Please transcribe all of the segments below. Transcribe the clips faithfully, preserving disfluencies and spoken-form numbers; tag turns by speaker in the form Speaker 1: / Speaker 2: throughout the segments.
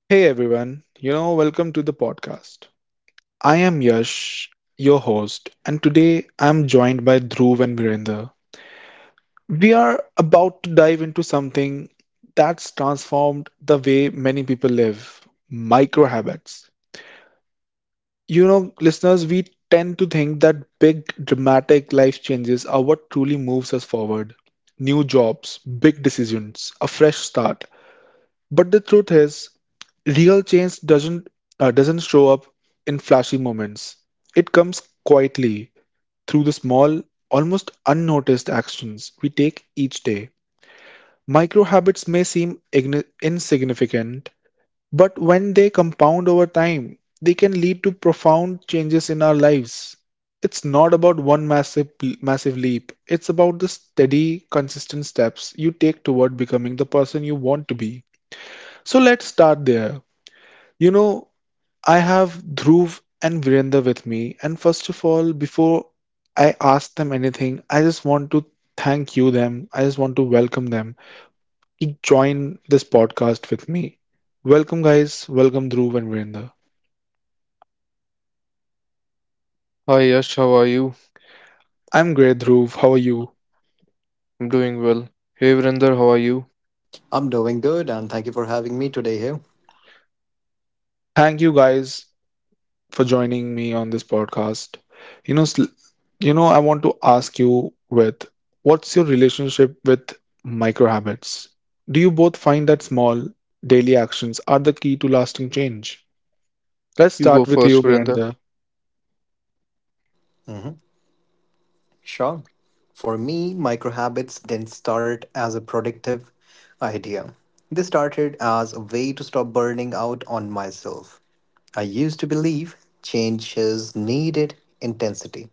Speaker 1: Hey everyone, you know, welcome to the podcast. I am Yash, your host, and today I am joined by Dhruv and Virender. We are about to dive into something that's transformed the way many people live micro habits. You know, listeners, we tend to think that big, dramatic life changes are what truly moves us forward. New jobs, big decisions, a fresh start. But the truth is, real change doesn't uh, doesn't show up in flashy moments. It comes quietly through the small, almost unnoticed actions we take each day. Micro habits may seem igni- insignificant, but when they compound over time, they can lead to profound changes in our lives. It's not about one massive massive leap. It's about the steady, consistent steps you take toward becoming the person you want to be. So let's start there. You know, I have Dhruv and Virender with me, and first of all, before I ask them anything, I just want to thank you them. I just want to welcome them to join this podcast with me. Welcome, guys. Welcome, Dhruv and Virender.
Speaker 2: Hi Yash, how are you?
Speaker 1: I'm great, Dhruv. How are you?
Speaker 2: I'm doing well. Hey Vrinder, how are you?
Speaker 3: I'm doing good and thank you for having me today here.
Speaker 1: Thank you guys for joining me on this podcast. You know, sl- You know, I want to ask you with what's your relationship with micro habits? Do you both find that small daily actions are the key to lasting change? Let's
Speaker 2: You go
Speaker 1: start with you,
Speaker 2: first, Vrinder.
Speaker 1: Virender.
Speaker 3: Sure. For me, micro habits didn't start as a productive idea. They started as a way to stop burning out on myself. I used to believe changes needed intensity.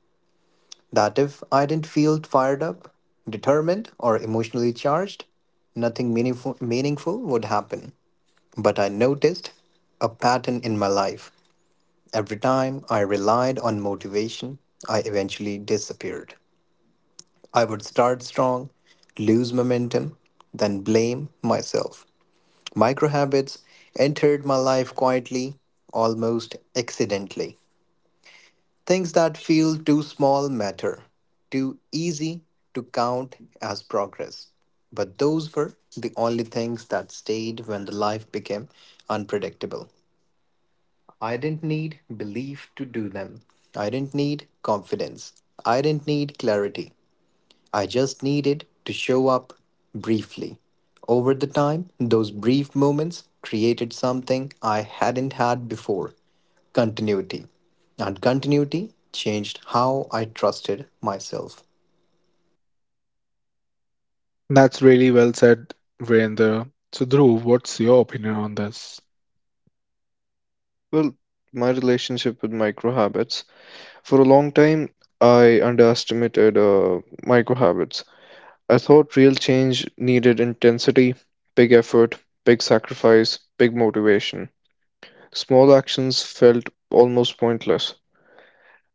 Speaker 3: That if I didn't feel fired up, determined, or emotionally charged, nothing meaningful, meaningful would happen. But I noticed a pattern in my life. Every time I relied on motivation, I eventually disappeared. I would start strong, lose momentum, then blame myself. Micro habits entered my life quietly, almost accidentally. Things that feel too small matter, too easy to count as progress. But those were the only things that stayed when the life became unpredictable. I didn't need belief to do them. I didn't need confidence. I didn't need clarity. I just needed to show up briefly. Over the time, those brief moments created something I hadn't had before continuity. And continuity changed how I trusted myself.
Speaker 1: That's really well said, Virender. So, Dhruv, what's your opinion on this?
Speaker 2: Well, my relationship with micro habits. For a long time, I underestimated uh, micro habits. I thought real change needed intensity, big effort, big sacrifice, big motivation. Small actions felt almost pointless.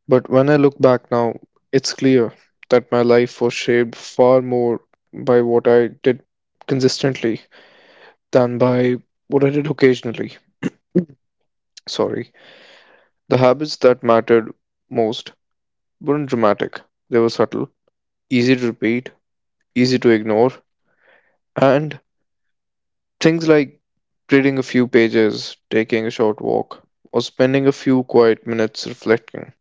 Speaker 2: But when I look back now, it's clear that my life was shaped far more by what I did consistently than by what I did occasionally. Sorry. The habits that mattered most weren't dramatic, they were subtle, easy to repeat, easy to ignore, and things like reading a few pages, taking a short walk, or spending a few quiet minutes reflecting.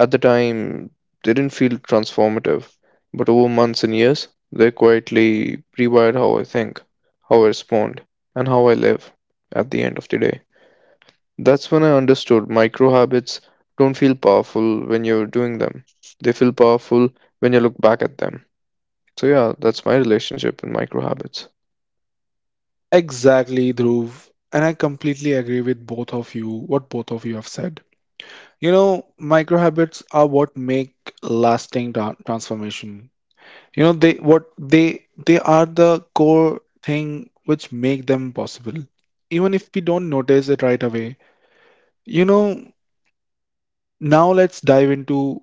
Speaker 2: At the time, they didn't feel transformative, but over months and years, they quietly rewired how I think, how I respond, and how I live at the end of the day. That's when I understood micro habits don't feel powerful when you're doing them. They feel powerful when you look back at them. So yeah, that's my relationship with micro habits.
Speaker 1: Exactly, Dhruv. And I completely agree with both of you, what both of you have said. You know, micro habits are what make lasting tra- transformation. You know, they what they they are the core thing which make them possible, even if we don't notice it right away, you know. Now let's dive into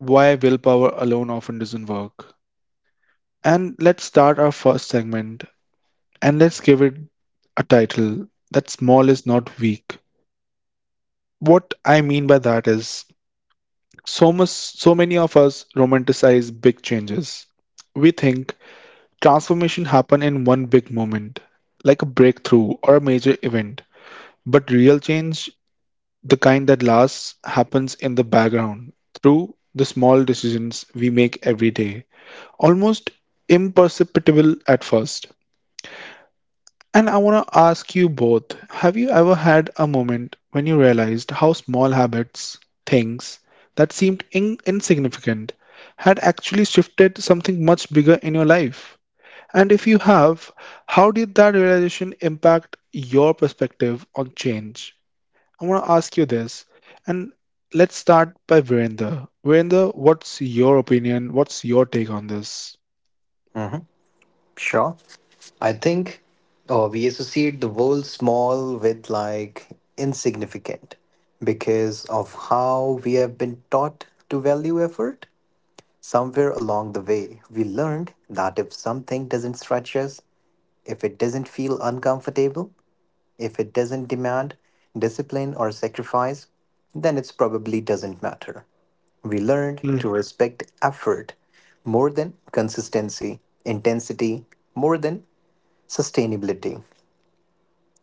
Speaker 1: why willpower alone often doesn't work, and let's start our first segment, and let's give it a title that small is not weak. What I mean by that is, so much so many of us romanticize big changes. We think transformation happen in one big moment, like a breakthrough or a major event. But real change, the kind that lasts, happens in the background through the small decisions we make every day, almost imperceptible at first. And I want to ask you both, have you ever had a moment when you realized how small habits, things that seemed in- insignificant, had actually shifted something much bigger in your life? And if you have, how did that realization impact your perspective on change? I want to ask you this, and let's start by Virender. Virender, what's your opinion? What's your take on this?
Speaker 3: Sure. I think uh, we associate the word small with like insignificant because of how we have been taught to value effort. Somewhere along the way, we learned that if something doesn't stretch us, if it doesn't feel uncomfortable, if it doesn't demand discipline or sacrifice, then it probably doesn't matter. We learned to respect effort more than consistency, intensity more than sustainability.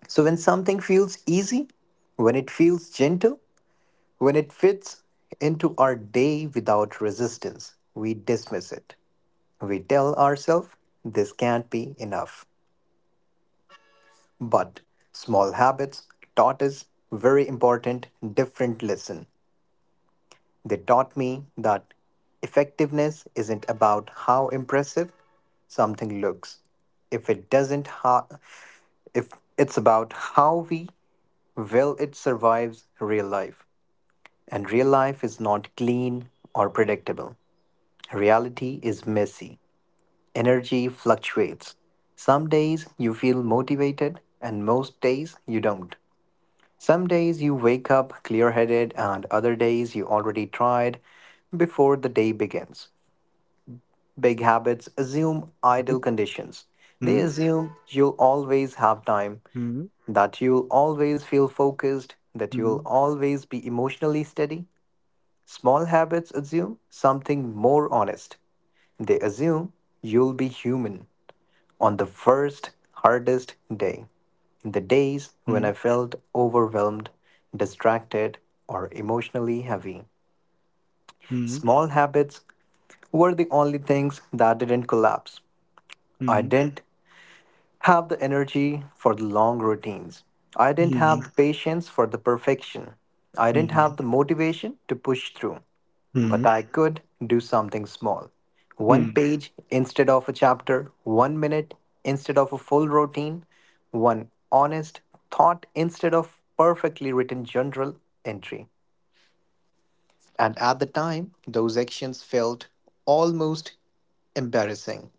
Speaker 3: So, when something feels easy, when it feels gentle, when it fits into our day without resistance, we dismiss it. We tell ourselves this can't be enough. But small habits taught us very important, different lesson. They taught me that effectiveness isn't about how impressive something looks. If it doesn't ha- if it's about how we will it survives real life. And real life is not clean or predictable. Reality is messy. Energy fluctuates. Some days you feel motivated and most days you don't. Some days you wake up clear headed, and other days you already tried before the day begins. Big habits assume ideal conditions. They assume you'll always have time, that you'll always feel focused, that you'll always be emotionally steady. Small habits assume something more honest. They assume you'll be human on the first hardest day, in the days when I felt overwhelmed, distracted, or emotionally heavy. Small habits were the only things that didn't collapse. I didn't have the energy for the long routines. I didn't have the patience for the perfection. I didn't have the motivation to push through. But I could do something small. One page instead of a chapter, one minute instead of a full routine, one honest thought instead of perfectly written journal entry. And at the time, those actions felt almost embarrassing.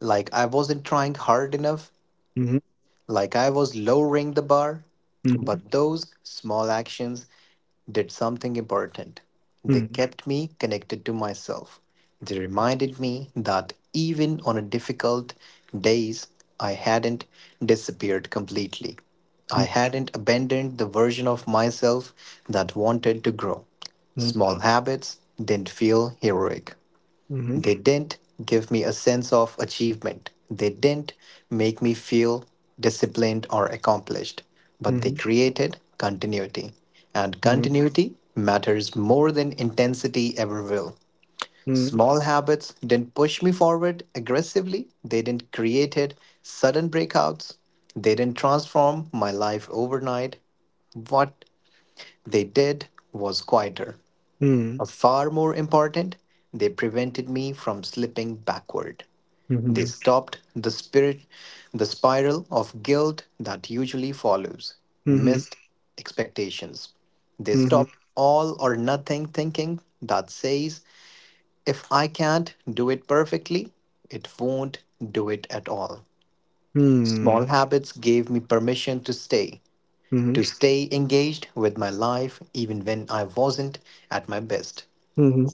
Speaker 3: Like I wasn't trying hard enough like I was lowering the bar. But those small actions did something important. They kept me connected to myself. They reminded me that even on a difficult days, I hadn't disappeared completely. I hadn't abandoned the version of myself that wanted to grow. Small habits didn't feel heroic. They didn't give me a sense of achievement. They didn't make me feel disciplined or accomplished, but they created continuity. And continuity matters more than intensity ever will. Small habits didn't push me forward aggressively. They didn't create sudden breakouts. They didn't transform my life overnight. What they did was quieter, but far more important, they prevented me from slipping backward. They stopped the spirit the spiral of guilt that usually follows missed expectations. They stopped all or nothing thinking that says if I can't do it perfectly, it won't do it at all. Small habits gave me permission to stay, to stay engaged with my life even when I wasn't at my best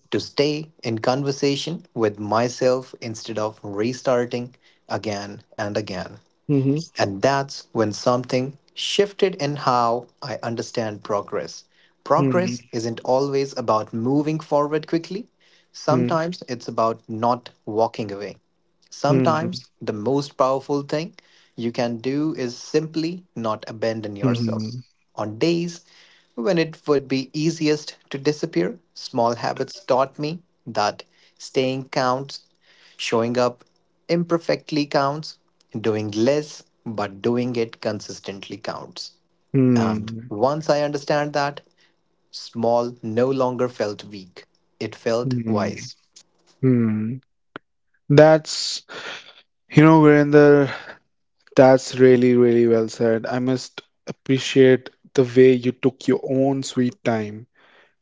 Speaker 3: to stay in conversation with myself instead of restarting again and again. And that's when something shifted in how I understand progress. Progress
Speaker 1: Mhm.
Speaker 3: isn't always about moving forward quickly,
Speaker 1: Hmm.
Speaker 3: sometimes it's about not walking away.
Speaker 1: Mhm.
Speaker 3: Sometimes the most powerful thing you can do is simply not abandon yourself.
Speaker 1: Mhm.
Speaker 3: On days when it would be easiest to disappear, small habits taught me that staying counts, showing up imperfectly counts, doing less but doing it consistently counts. And
Speaker 1: Mhm.
Speaker 3: once I understand that, small no longer felt weak, it felt
Speaker 1: Mhm.
Speaker 3: wise.
Speaker 1: Mhm. That's, you know, Virender, that's really, really well said. I must appreciate the way you took your own sweet time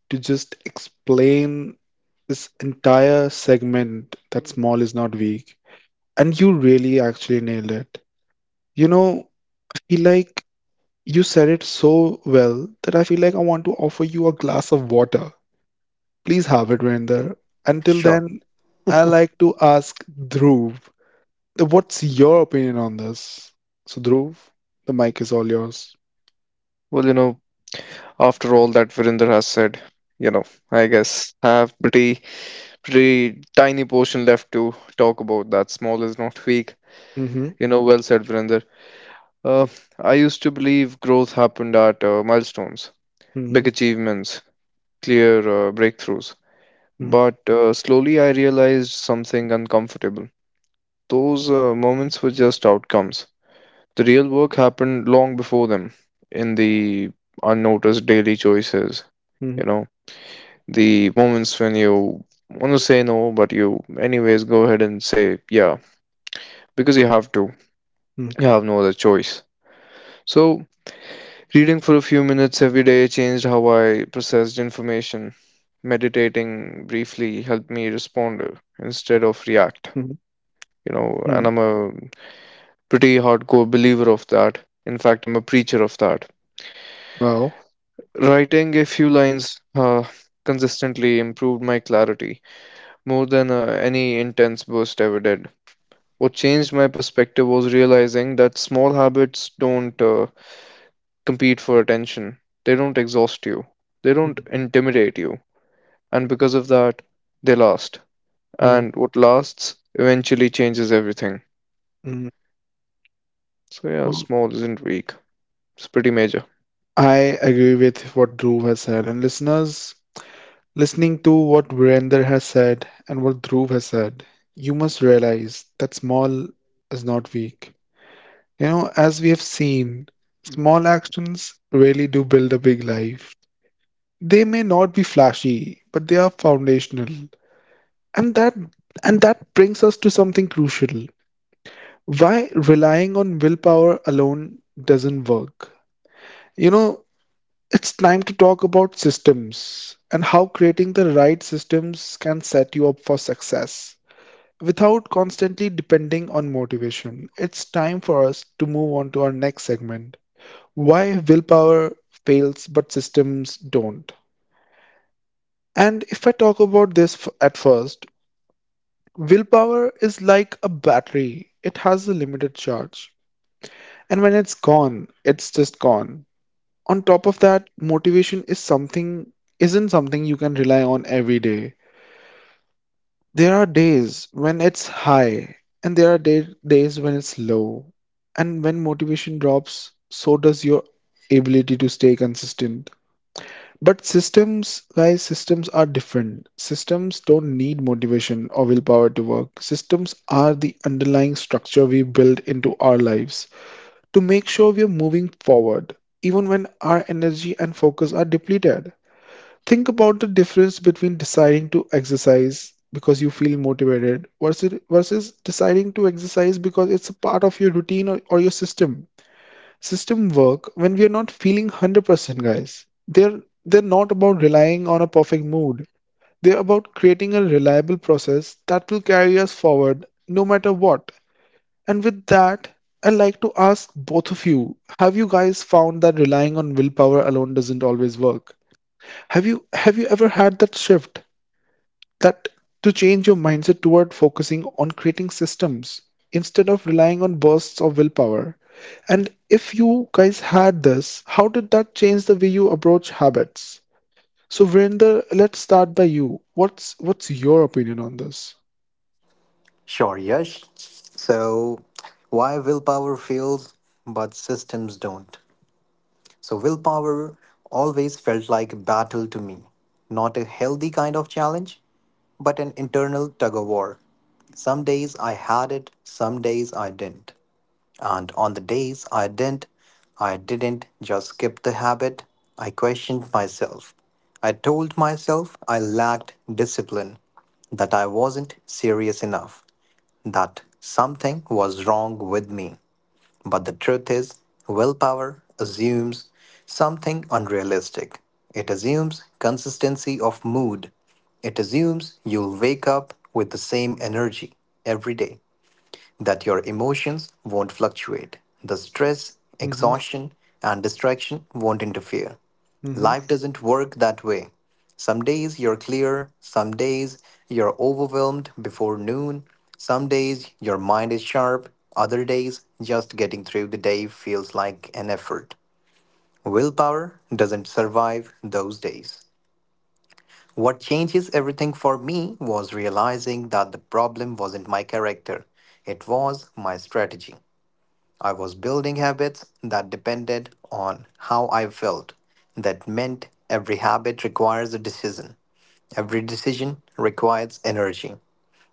Speaker 1: to just explain this entire segment that small is not weak. And you really actually nailed it. You know, I feel like you said it so well that I feel like I want to offer you a glass of water. Please have it, Virender. Until
Speaker 3: Sure.
Speaker 1: then, I like to ask Dhruv, uh, what's your opinion on this? So, Dhruv, the mic is all yours.
Speaker 2: Well, you know, after all that Virinder has said, you know, I guess I have pretty pretty tiny portion left to talk about that small is not weak.
Speaker 1: Mm-hmm.
Speaker 2: You know, well said Virinder. Uh, I used to believe growth happened at uh, milestones,
Speaker 1: Mm-hmm.
Speaker 2: big achievements, clear uh, breakthroughs. But uh, slowly I realized something uncomfortable. Those uh, moments were just outcomes. The real work happened long before them, in the unnoticed daily choices, you
Speaker 1: Mm-hmm.
Speaker 2: know, the moments when you want to say no, but you, anyways, go ahead and say yeah, because you have to. You have no other choice. So, reading for a few minutes every day changed how I processed information. Meditating briefly helped me respond uh, instead of
Speaker 1: Mm-hmm.
Speaker 2: react. You know,
Speaker 1: Mm-hmm.
Speaker 2: and I'm a pretty hardcore believer of that. In fact, I'm a preacher of that.
Speaker 1: Well.
Speaker 2: Writing a few lines uh, consistently improved my clarity more than uh, any intense burst ever did. What changed my perspective was realizing that small habits don't uh, compete for attention, they don't exhaust you, they don't
Speaker 1: Mm-hmm.
Speaker 2: intimidate you, and because of that, they last. And what lasts eventually changes everything.
Speaker 1: Mm-hmm.
Speaker 2: So, yeah,
Speaker 1: Well,
Speaker 2: small isn't weak, it's pretty major.
Speaker 1: I agree with what Dhruv has said. And listeners, listening to what Virender has said and what Dhruv has said, you must realize that small is not weak. You know, as we have seen, small actions really do build a big life. They may not be flashy, but they are foundational. And that and that brings us to something crucial. Why relying on willpower alone doesn't work. You know, it's time to talk about systems and how creating the right systems can set you up for success without constantly depending on motivation. It's time for us to move on to our next segment, why willpower fails but systems don't. And if I talk about this, f- at first, willpower is like a battery, it has a limited charge. And when it's gone, it's just gone. On top of that, motivation is something isn't something you can rely on every day. There are days when it's high, and there are day- days when it's low. And when motivation drops, so does your ability to stay consistent. But systems, guys, systems are different. Systems don't need motivation or willpower to work. Systems are the underlying structure we build into our lives to make sure we are moving forward, even when our energy and focus are depleted. Think about the difference between deciding to exercise because you feel motivated versus versus deciding to exercise because it's a part of your routine, or, or your system. System work when we are not feeling one hundred percent, guys. They're they're not about relying on a perfect mood. They're about creating a reliable process that will carry us forward no matter what. And with that, I'd like to ask both of you, have you guys found that relying on willpower alone doesn't always work? Have you have you ever had that shift, that to change your mindset toward focusing on creating systems instead of relying on bursts of willpower. And if you guys had this, how did that change the way you approach habits? So Virender, let's start by you. What's what's your opinion on this?
Speaker 3: Sure, Yash. So, why willpower fuels but systems don't? So, willpower always felt like a battle to me. Not a healthy kind of challenge, but an internal tug of war. Some days I had it, some days I didn't. And on the days I didn't, I didn't just skip the habit, I questioned myself. I told myself I lacked discipline, that I wasn't serious enough, that something was wrong with me. But the truth is, willpower assumes something unrealistic. It assumes consistency of mood. It assumes you'll wake up with the same energy every day that your emotions won't fluctuate. The stress,
Speaker 1: Mm-hmm.
Speaker 3: exhaustion, and distraction won't interfere.
Speaker 1: Mm-hmm.
Speaker 3: Life doesn't work that way. Some days you're clear, some days you're overwhelmed before noon, some days your mind is sharp, other days just getting through the day feels like an effort. Willpower doesn't survive those days. What changes everything for me was realizing that the problem wasn't my character, it was my strategy. I was building habits that depended on how I felt. That meant every habit requires a decision. Every decision requires energy.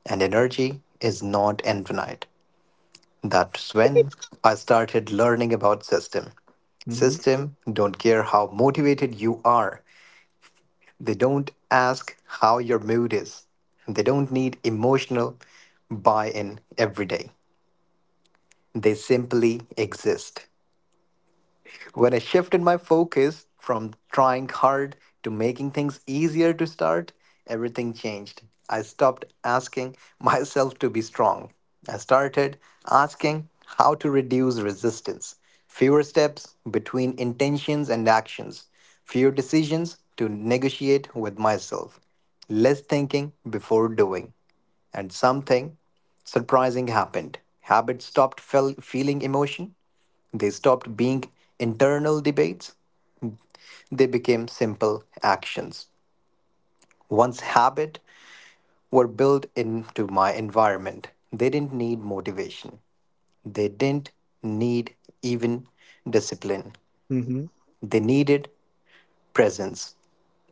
Speaker 3: And energy is not infinite. That's when I started learning about system.
Speaker 1: Mm-hmm.
Speaker 3: System don't care how motivated you are. They don't ask how your mood is. They don't need emotional buy-in every day. They simply exist. When I shifted my focus from trying hard to making things easier to start, everything changed. I stopped asking myself to be strong. I started asking how to reduce resistance. Fewer steps between intentions and actions. Fewer decisions to negotiate with myself. Less thinking before doing. And something surprising happened. Habit stopped fel- feeling emotion they stopped being internal debates, they became simple actions. Once habit were built into my environment, they didn't need motivation. They didn't need even discipline.
Speaker 1: Mm-hmm.
Speaker 3: They needed presence.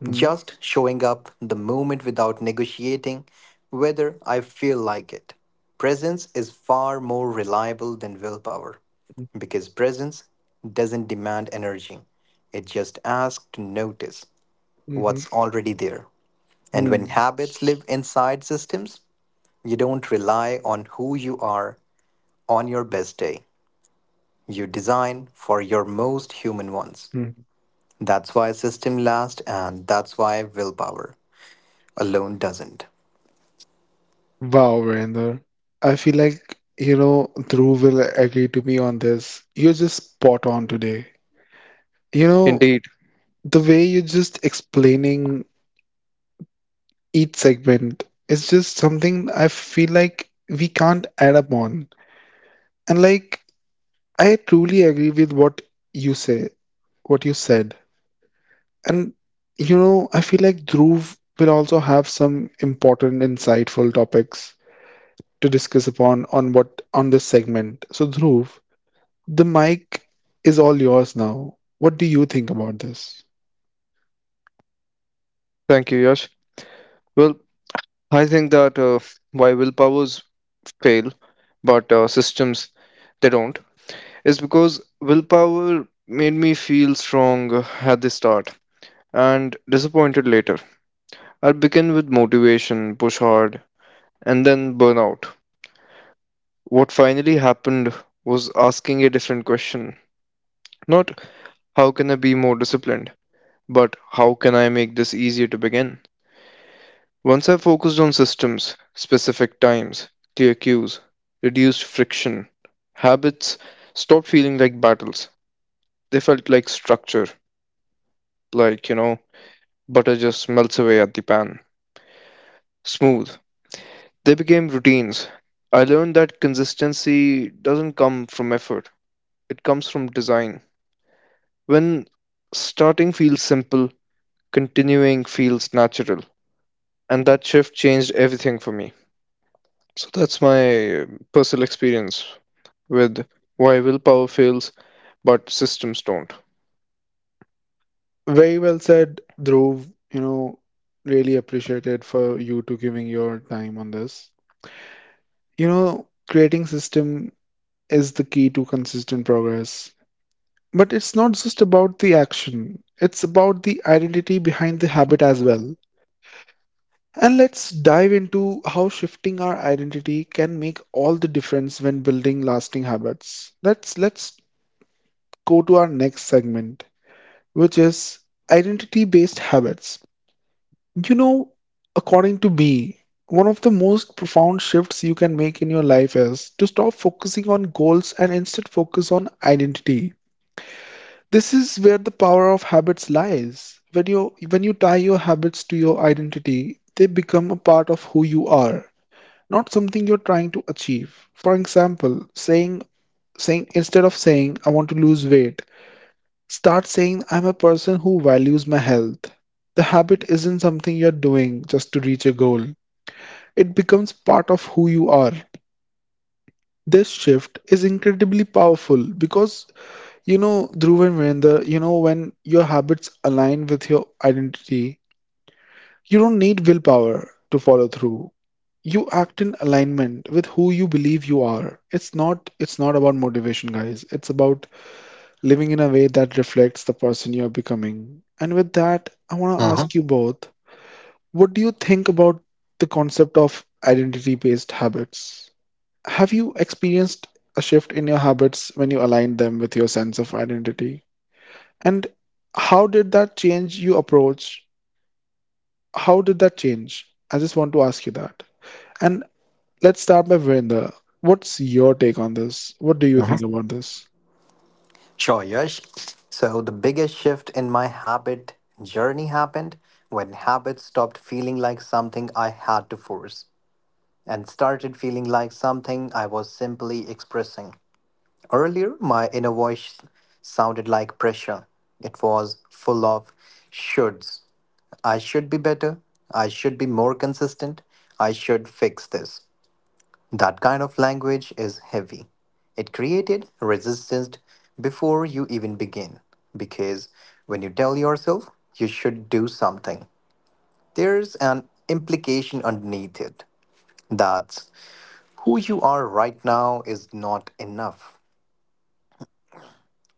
Speaker 1: Mm-hmm.
Speaker 3: Just showing up the moment without negotiating whether I feel like it. Presence is far more reliable than willpower
Speaker 1: Mm-hmm.
Speaker 3: because presence doesn't demand energy. It just asks to notice what's already there. And when
Speaker 1: Mm-hmm.
Speaker 3: habits live inside systems, you don't rely on who you are on your best day. You design for your most human ones.
Speaker 1: Mm-hmm.
Speaker 3: That's why system lasts and that's why willpower alone doesn't.
Speaker 1: Wow, Virender. I feel like, you know, Dhruv will agree to me on this. You're just spot on today. You know,
Speaker 2: Indeed.
Speaker 1: the way you're just explaining each segment is just something I feel like we can't add up on. And like, I truly agree with what you say, what you said. And, you know, I feel like Dhruv will also have some important, insightful topics to discuss upon, on what, on this segment. So, Dhruv, the mic is all yours now. What do you think about this?
Speaker 2: Thank you, Yash. Well, I think that uh, why willpowers fail, but uh, systems they don't, is because willpower made me feel strong uh, at the start and disappointed later. I'll begin with motivation, push hard, and then burnout. What finally happened was asking a different question. Not how can I be more disciplined, but how can I make this easier to begin? Once I focused on systems, specific times, clear cues, reduced friction, habits stopped feeling like battles. They felt like structure, like, you know, butter just melts away at the pan. Smooth. They became routines. I learned that consistency doesn't come from effort, it comes from design. When starting feels simple, continuing feels natural. And that shift changed everything for me. So that's my uh, personal experience with why willpower fails but systems don't.
Speaker 1: Very well said, Dhruv. You know, really appreciated for you to giving your time on this. You know, creating system is the key to consistent progress. But it's not just about the action, it's about the identity behind the habit as well. And let's dive into how shifting our identity can make all the difference when building lasting habits. Let's let's go to our next segment, which is identity based habits. You know, according to me, one of the most profound shifts you can make in your life is to stop focusing on goals and instead focus on identity. This is where the power of habits lies. When you when you tie your habits to your identity, they become a part of who you are, not something you're trying to achieve. For example, saying saying instead of saying I want to lose weight, start saying, I'm a person who values my health. The habit isn't something you're doing just to reach a goal, it becomes part of who you are. This shift is incredibly powerful because, you know, Dhruv and Virender, you know, when your habits align with your identity, you don't need willpower to follow through. You act in alignment with who you believe you are. It's not it's not about motivation, guys. It's about living in a way that reflects the person you are becoming. And with that, I want to ask
Speaker 3: Hmm.
Speaker 1: you both, what do you think about the concept of identity based habits? Have you experienced a shift in your habits when you aligned them with your sense of identity? And how did that change your approach? How did that change? I just want to ask you that. And let's start by Virender. What's your take on this? What do you
Speaker 3: Uh-huh.
Speaker 1: think about this?
Speaker 3: Sure, Yash. So, the biggest shift in my habit journey happened when habits stopped feeling like something I had to force and started feeling like something I was simply expressing. Earlier, my inner voice sounded like pressure. It was full of shoulds. I should be better. I should be more consistent. I should fix this. That kind of language is heavy. It created resistance before you even begin. Because when you tell yourself you should do something, there's an implication underneath it. That's who you are right now is not enough.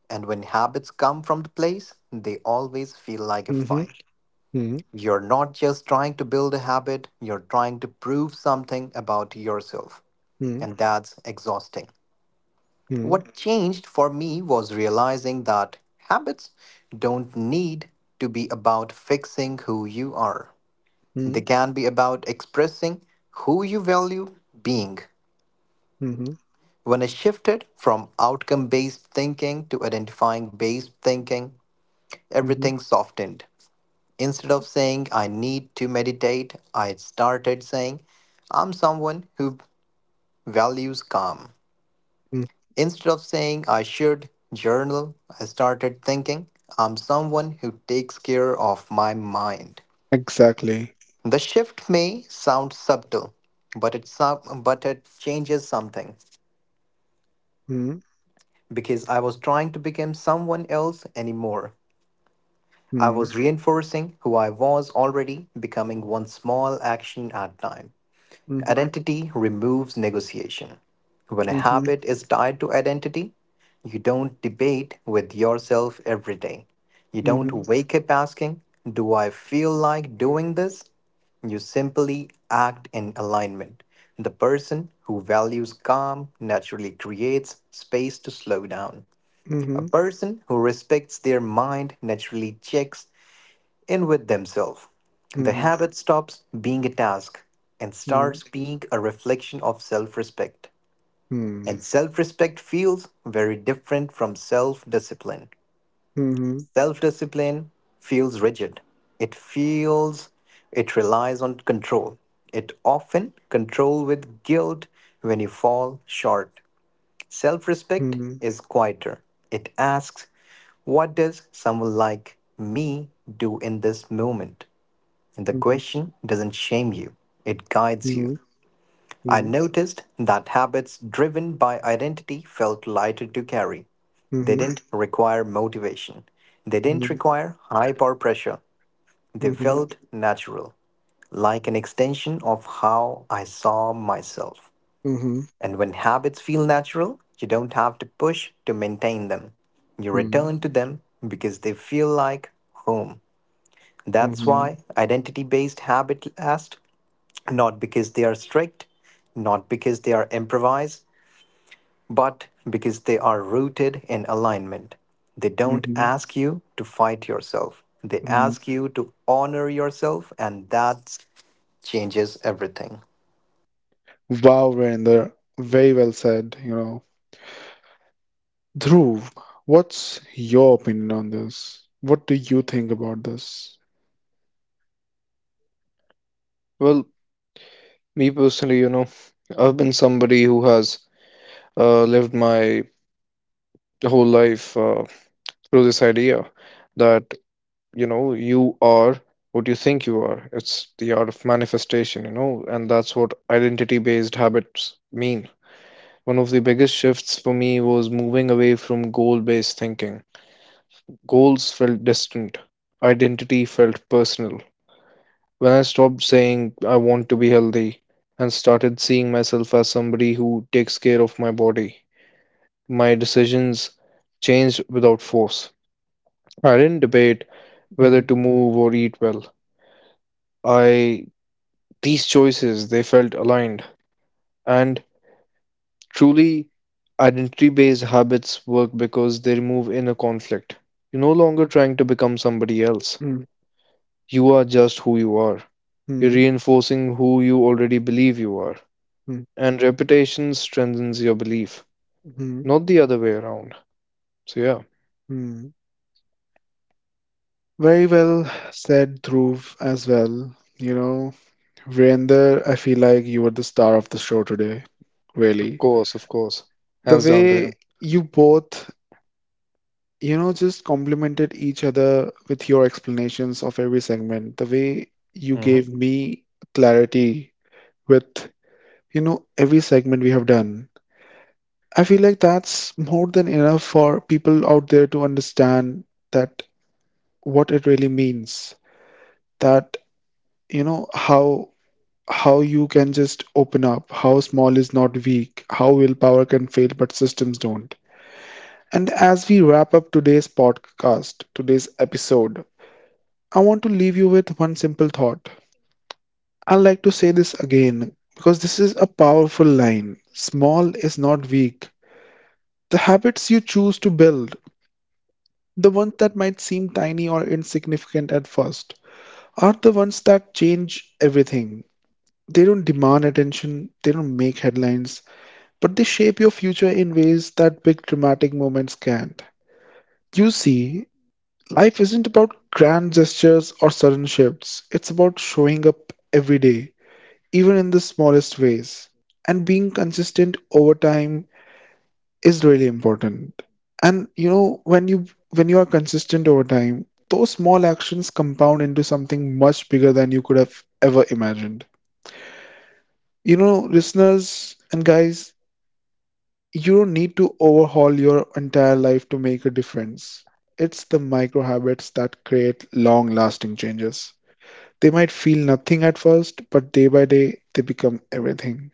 Speaker 3: And when habits come from the place, they always feel like a
Speaker 1: Mm-hmm.
Speaker 3: fight.
Speaker 1: Mm-hmm.
Speaker 3: You're not just trying to build a habit, you're trying to prove something about yourself and that's exhausting.
Speaker 1: Mm-hmm.
Speaker 3: What changed for me was realizing that habits don't need to be about fixing who you are. They can be about expressing who you value being.
Speaker 1: Mm-hmm.
Speaker 3: When I shifted from outcome based thinking to identifying based thinking,
Speaker 1: Mm-hmm.
Speaker 3: everything softened. Instead of saying, I need to meditate, I started saying, I'm someone who values calm.
Speaker 1: Mm,
Speaker 3: Instead of saying I should journal, I started thinking I'm someone who takes care of my mind.
Speaker 1: exactly.
Speaker 3: The shift may sound subtle, but it sou- but it changes something
Speaker 1: Mm.
Speaker 3: because I was trying to become someone else anymore. I
Speaker 1: Mm.
Speaker 3: was reinforcing who I was already becoming one small action at a time.
Speaker 1: Mhm.
Speaker 3: Identity removes negotiation. When a
Speaker 1: Mhm.
Speaker 3: habit is tied to identity, you don't debate with yourself every day. You
Speaker 1: Mhm.
Speaker 3: don't wake up asking, do I feel like doing this? You simply act in alignment. The person who values calm naturally creates space to slow down. A
Speaker 1: Mhm.
Speaker 3: person who respects their mind naturally checks in with themselves. The
Speaker 1: Mhm.
Speaker 3: habit stops being a task and
Speaker 1: Mhm.
Speaker 3: starts being a reflection of self respect.
Speaker 1: Mm.
Speaker 3: And self respect feels very different from self discipline.
Speaker 1: Mhm.
Speaker 3: Self discipline feels rigid, it feels it relies on control. It often control with guilt when you fall short. Self respect
Speaker 1: Mhm.
Speaker 3: is quieter. It asks, what does someone like me do in this moment? The question doesn't shame you, it guides you.
Speaker 1: Mhm.
Speaker 3: I
Speaker 1: Mhm.
Speaker 3: noticed that habits driven by identity felt lighter to carry. They
Speaker 1: Mhm.
Speaker 3: didn't require motivation, they didn't
Speaker 1: Mhm.
Speaker 3: require high power pressure. They
Speaker 1: Mhm. Mhm.
Speaker 3: felt natural, like an extension of how I saw myself.
Speaker 1: Mhm.
Speaker 3: And when habits feel natural, you don't have to push to maintain them. You return to them because they feel like home.
Speaker 1: Mhm.
Speaker 3: That's
Speaker 1: Mhm.
Speaker 3: why identity based habit lasts not because they are strict, not because they are improvised, but because they are rooted in alignment. They don't
Speaker 1: Mhm.
Speaker 3: ask you to fight yourself. They
Speaker 1: Mhm.
Speaker 3: ask you to honor yourself, and that changes everything.
Speaker 1: Wow, Virender, very well said, you know. Dhruv, what's your opinion on this? What do you think about this?
Speaker 2: Well, me personally, you know, I've been somebody who has uh, lived my whole life uh, through this idea that, you know, you are what you think you are. It's the art of manifestation, you know, and that's what identity-based habits mean. One of the biggest shifts for me was moving away from goal-based thinking. Goals felt distant. Identity felt personal. When I stopped saying I want to be healthy and started seeing myself as somebody who takes care of my body, my decisions changed without force. I didn't debate whether
Speaker 1: Mm-hmm.
Speaker 2: to move or eat well. I these choices they felt aligned and truly identity based habits work because they remove inner conflict. You're no longer trying to become somebody else. You are just who you are. You're
Speaker 1: Mm-hmm.
Speaker 2: reinforcing who you already believe you are. And repetition strengthens your belief,
Speaker 1: Mm-hmm.
Speaker 2: not the other way around. So, yeah,
Speaker 1: Very well said, Dhruv, as well. You know, Virender, I feel like you were the star of the show today,
Speaker 2: of
Speaker 1: really.
Speaker 2: course, of course.
Speaker 1: The
Speaker 2: Hands down to
Speaker 1: way
Speaker 2: him.
Speaker 1: you both, you know, just complemented each other with your explanations of every segment, the way you gave
Speaker 3: hmm
Speaker 1: me clarity with, you know, every segment we have done. I feel like that's more than enough for people out there to understand that what it really means, that, you know, how how you can just open up, how small is not weak, how willpower can fail but systems don't. And as we wrap up today's podcast, today's episode, I want to leave you with one simple thought. I would like to say this again because this is a powerful line. Small is not weak. The habits you choose to build, the ones that might seem tiny or insignificant at first, are the ones that change everything. They don't demand attention, they don't make headlines, but they shape your future in ways that big dramatic moments can't. You see, life isn't about grand gestures or sudden shifts, it's about showing up every day, even in the smallest ways. And being consistent over time is really important. And you know, when you when you are consistent over time, those small actions compound into something much bigger than you could have ever imagined. You know, listeners and guys, you don't need to overhaul your entire life to make a difference. It's the micro habits that create long lasting changes. They might feel nothing at first, but day by day, they become everything.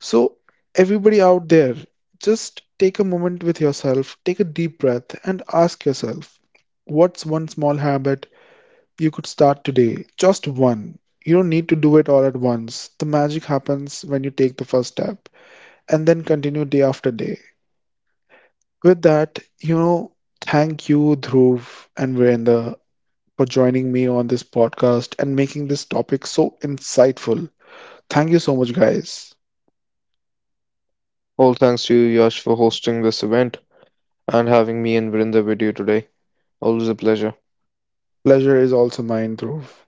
Speaker 1: So, everybody out there, just take a moment with yourself, take a deep breath, and ask yourself, what's one small habit you could start today? Just one. You don't need to do it all at once. The magic happens when you take the first step and then continue day after day. With that, you know, thank you, Dhruv and Virender, for joining me on this podcast and making this topic so insightful. Thank you so much, guys.
Speaker 2: All thanks to you, Yash, for hosting this event and having me and Vrinda with you today. Always a pleasure.
Speaker 1: Pleasure is also mine, Dhruv.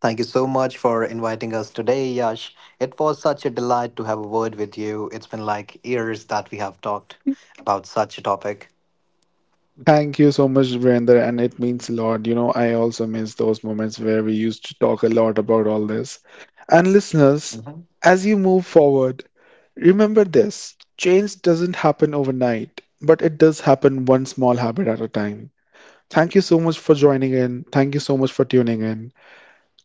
Speaker 3: Thank you so much for inviting us today, Yash. It was such a delight to have a word with you. It's been like years that we have talked about such a topic.
Speaker 1: Thank you so much, Virender, and it means a lot. You know, I also miss those moments where we used to talk a lot about all this. And listeners,
Speaker 3: Mhm.
Speaker 1: as you move forward, remember this change doesn't happen overnight, but it does happen one small habit at a time. Thank you so much for joining in. Thank you so much for tuning in.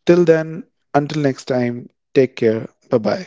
Speaker 1: Till then, until next time, take care. Bye bye.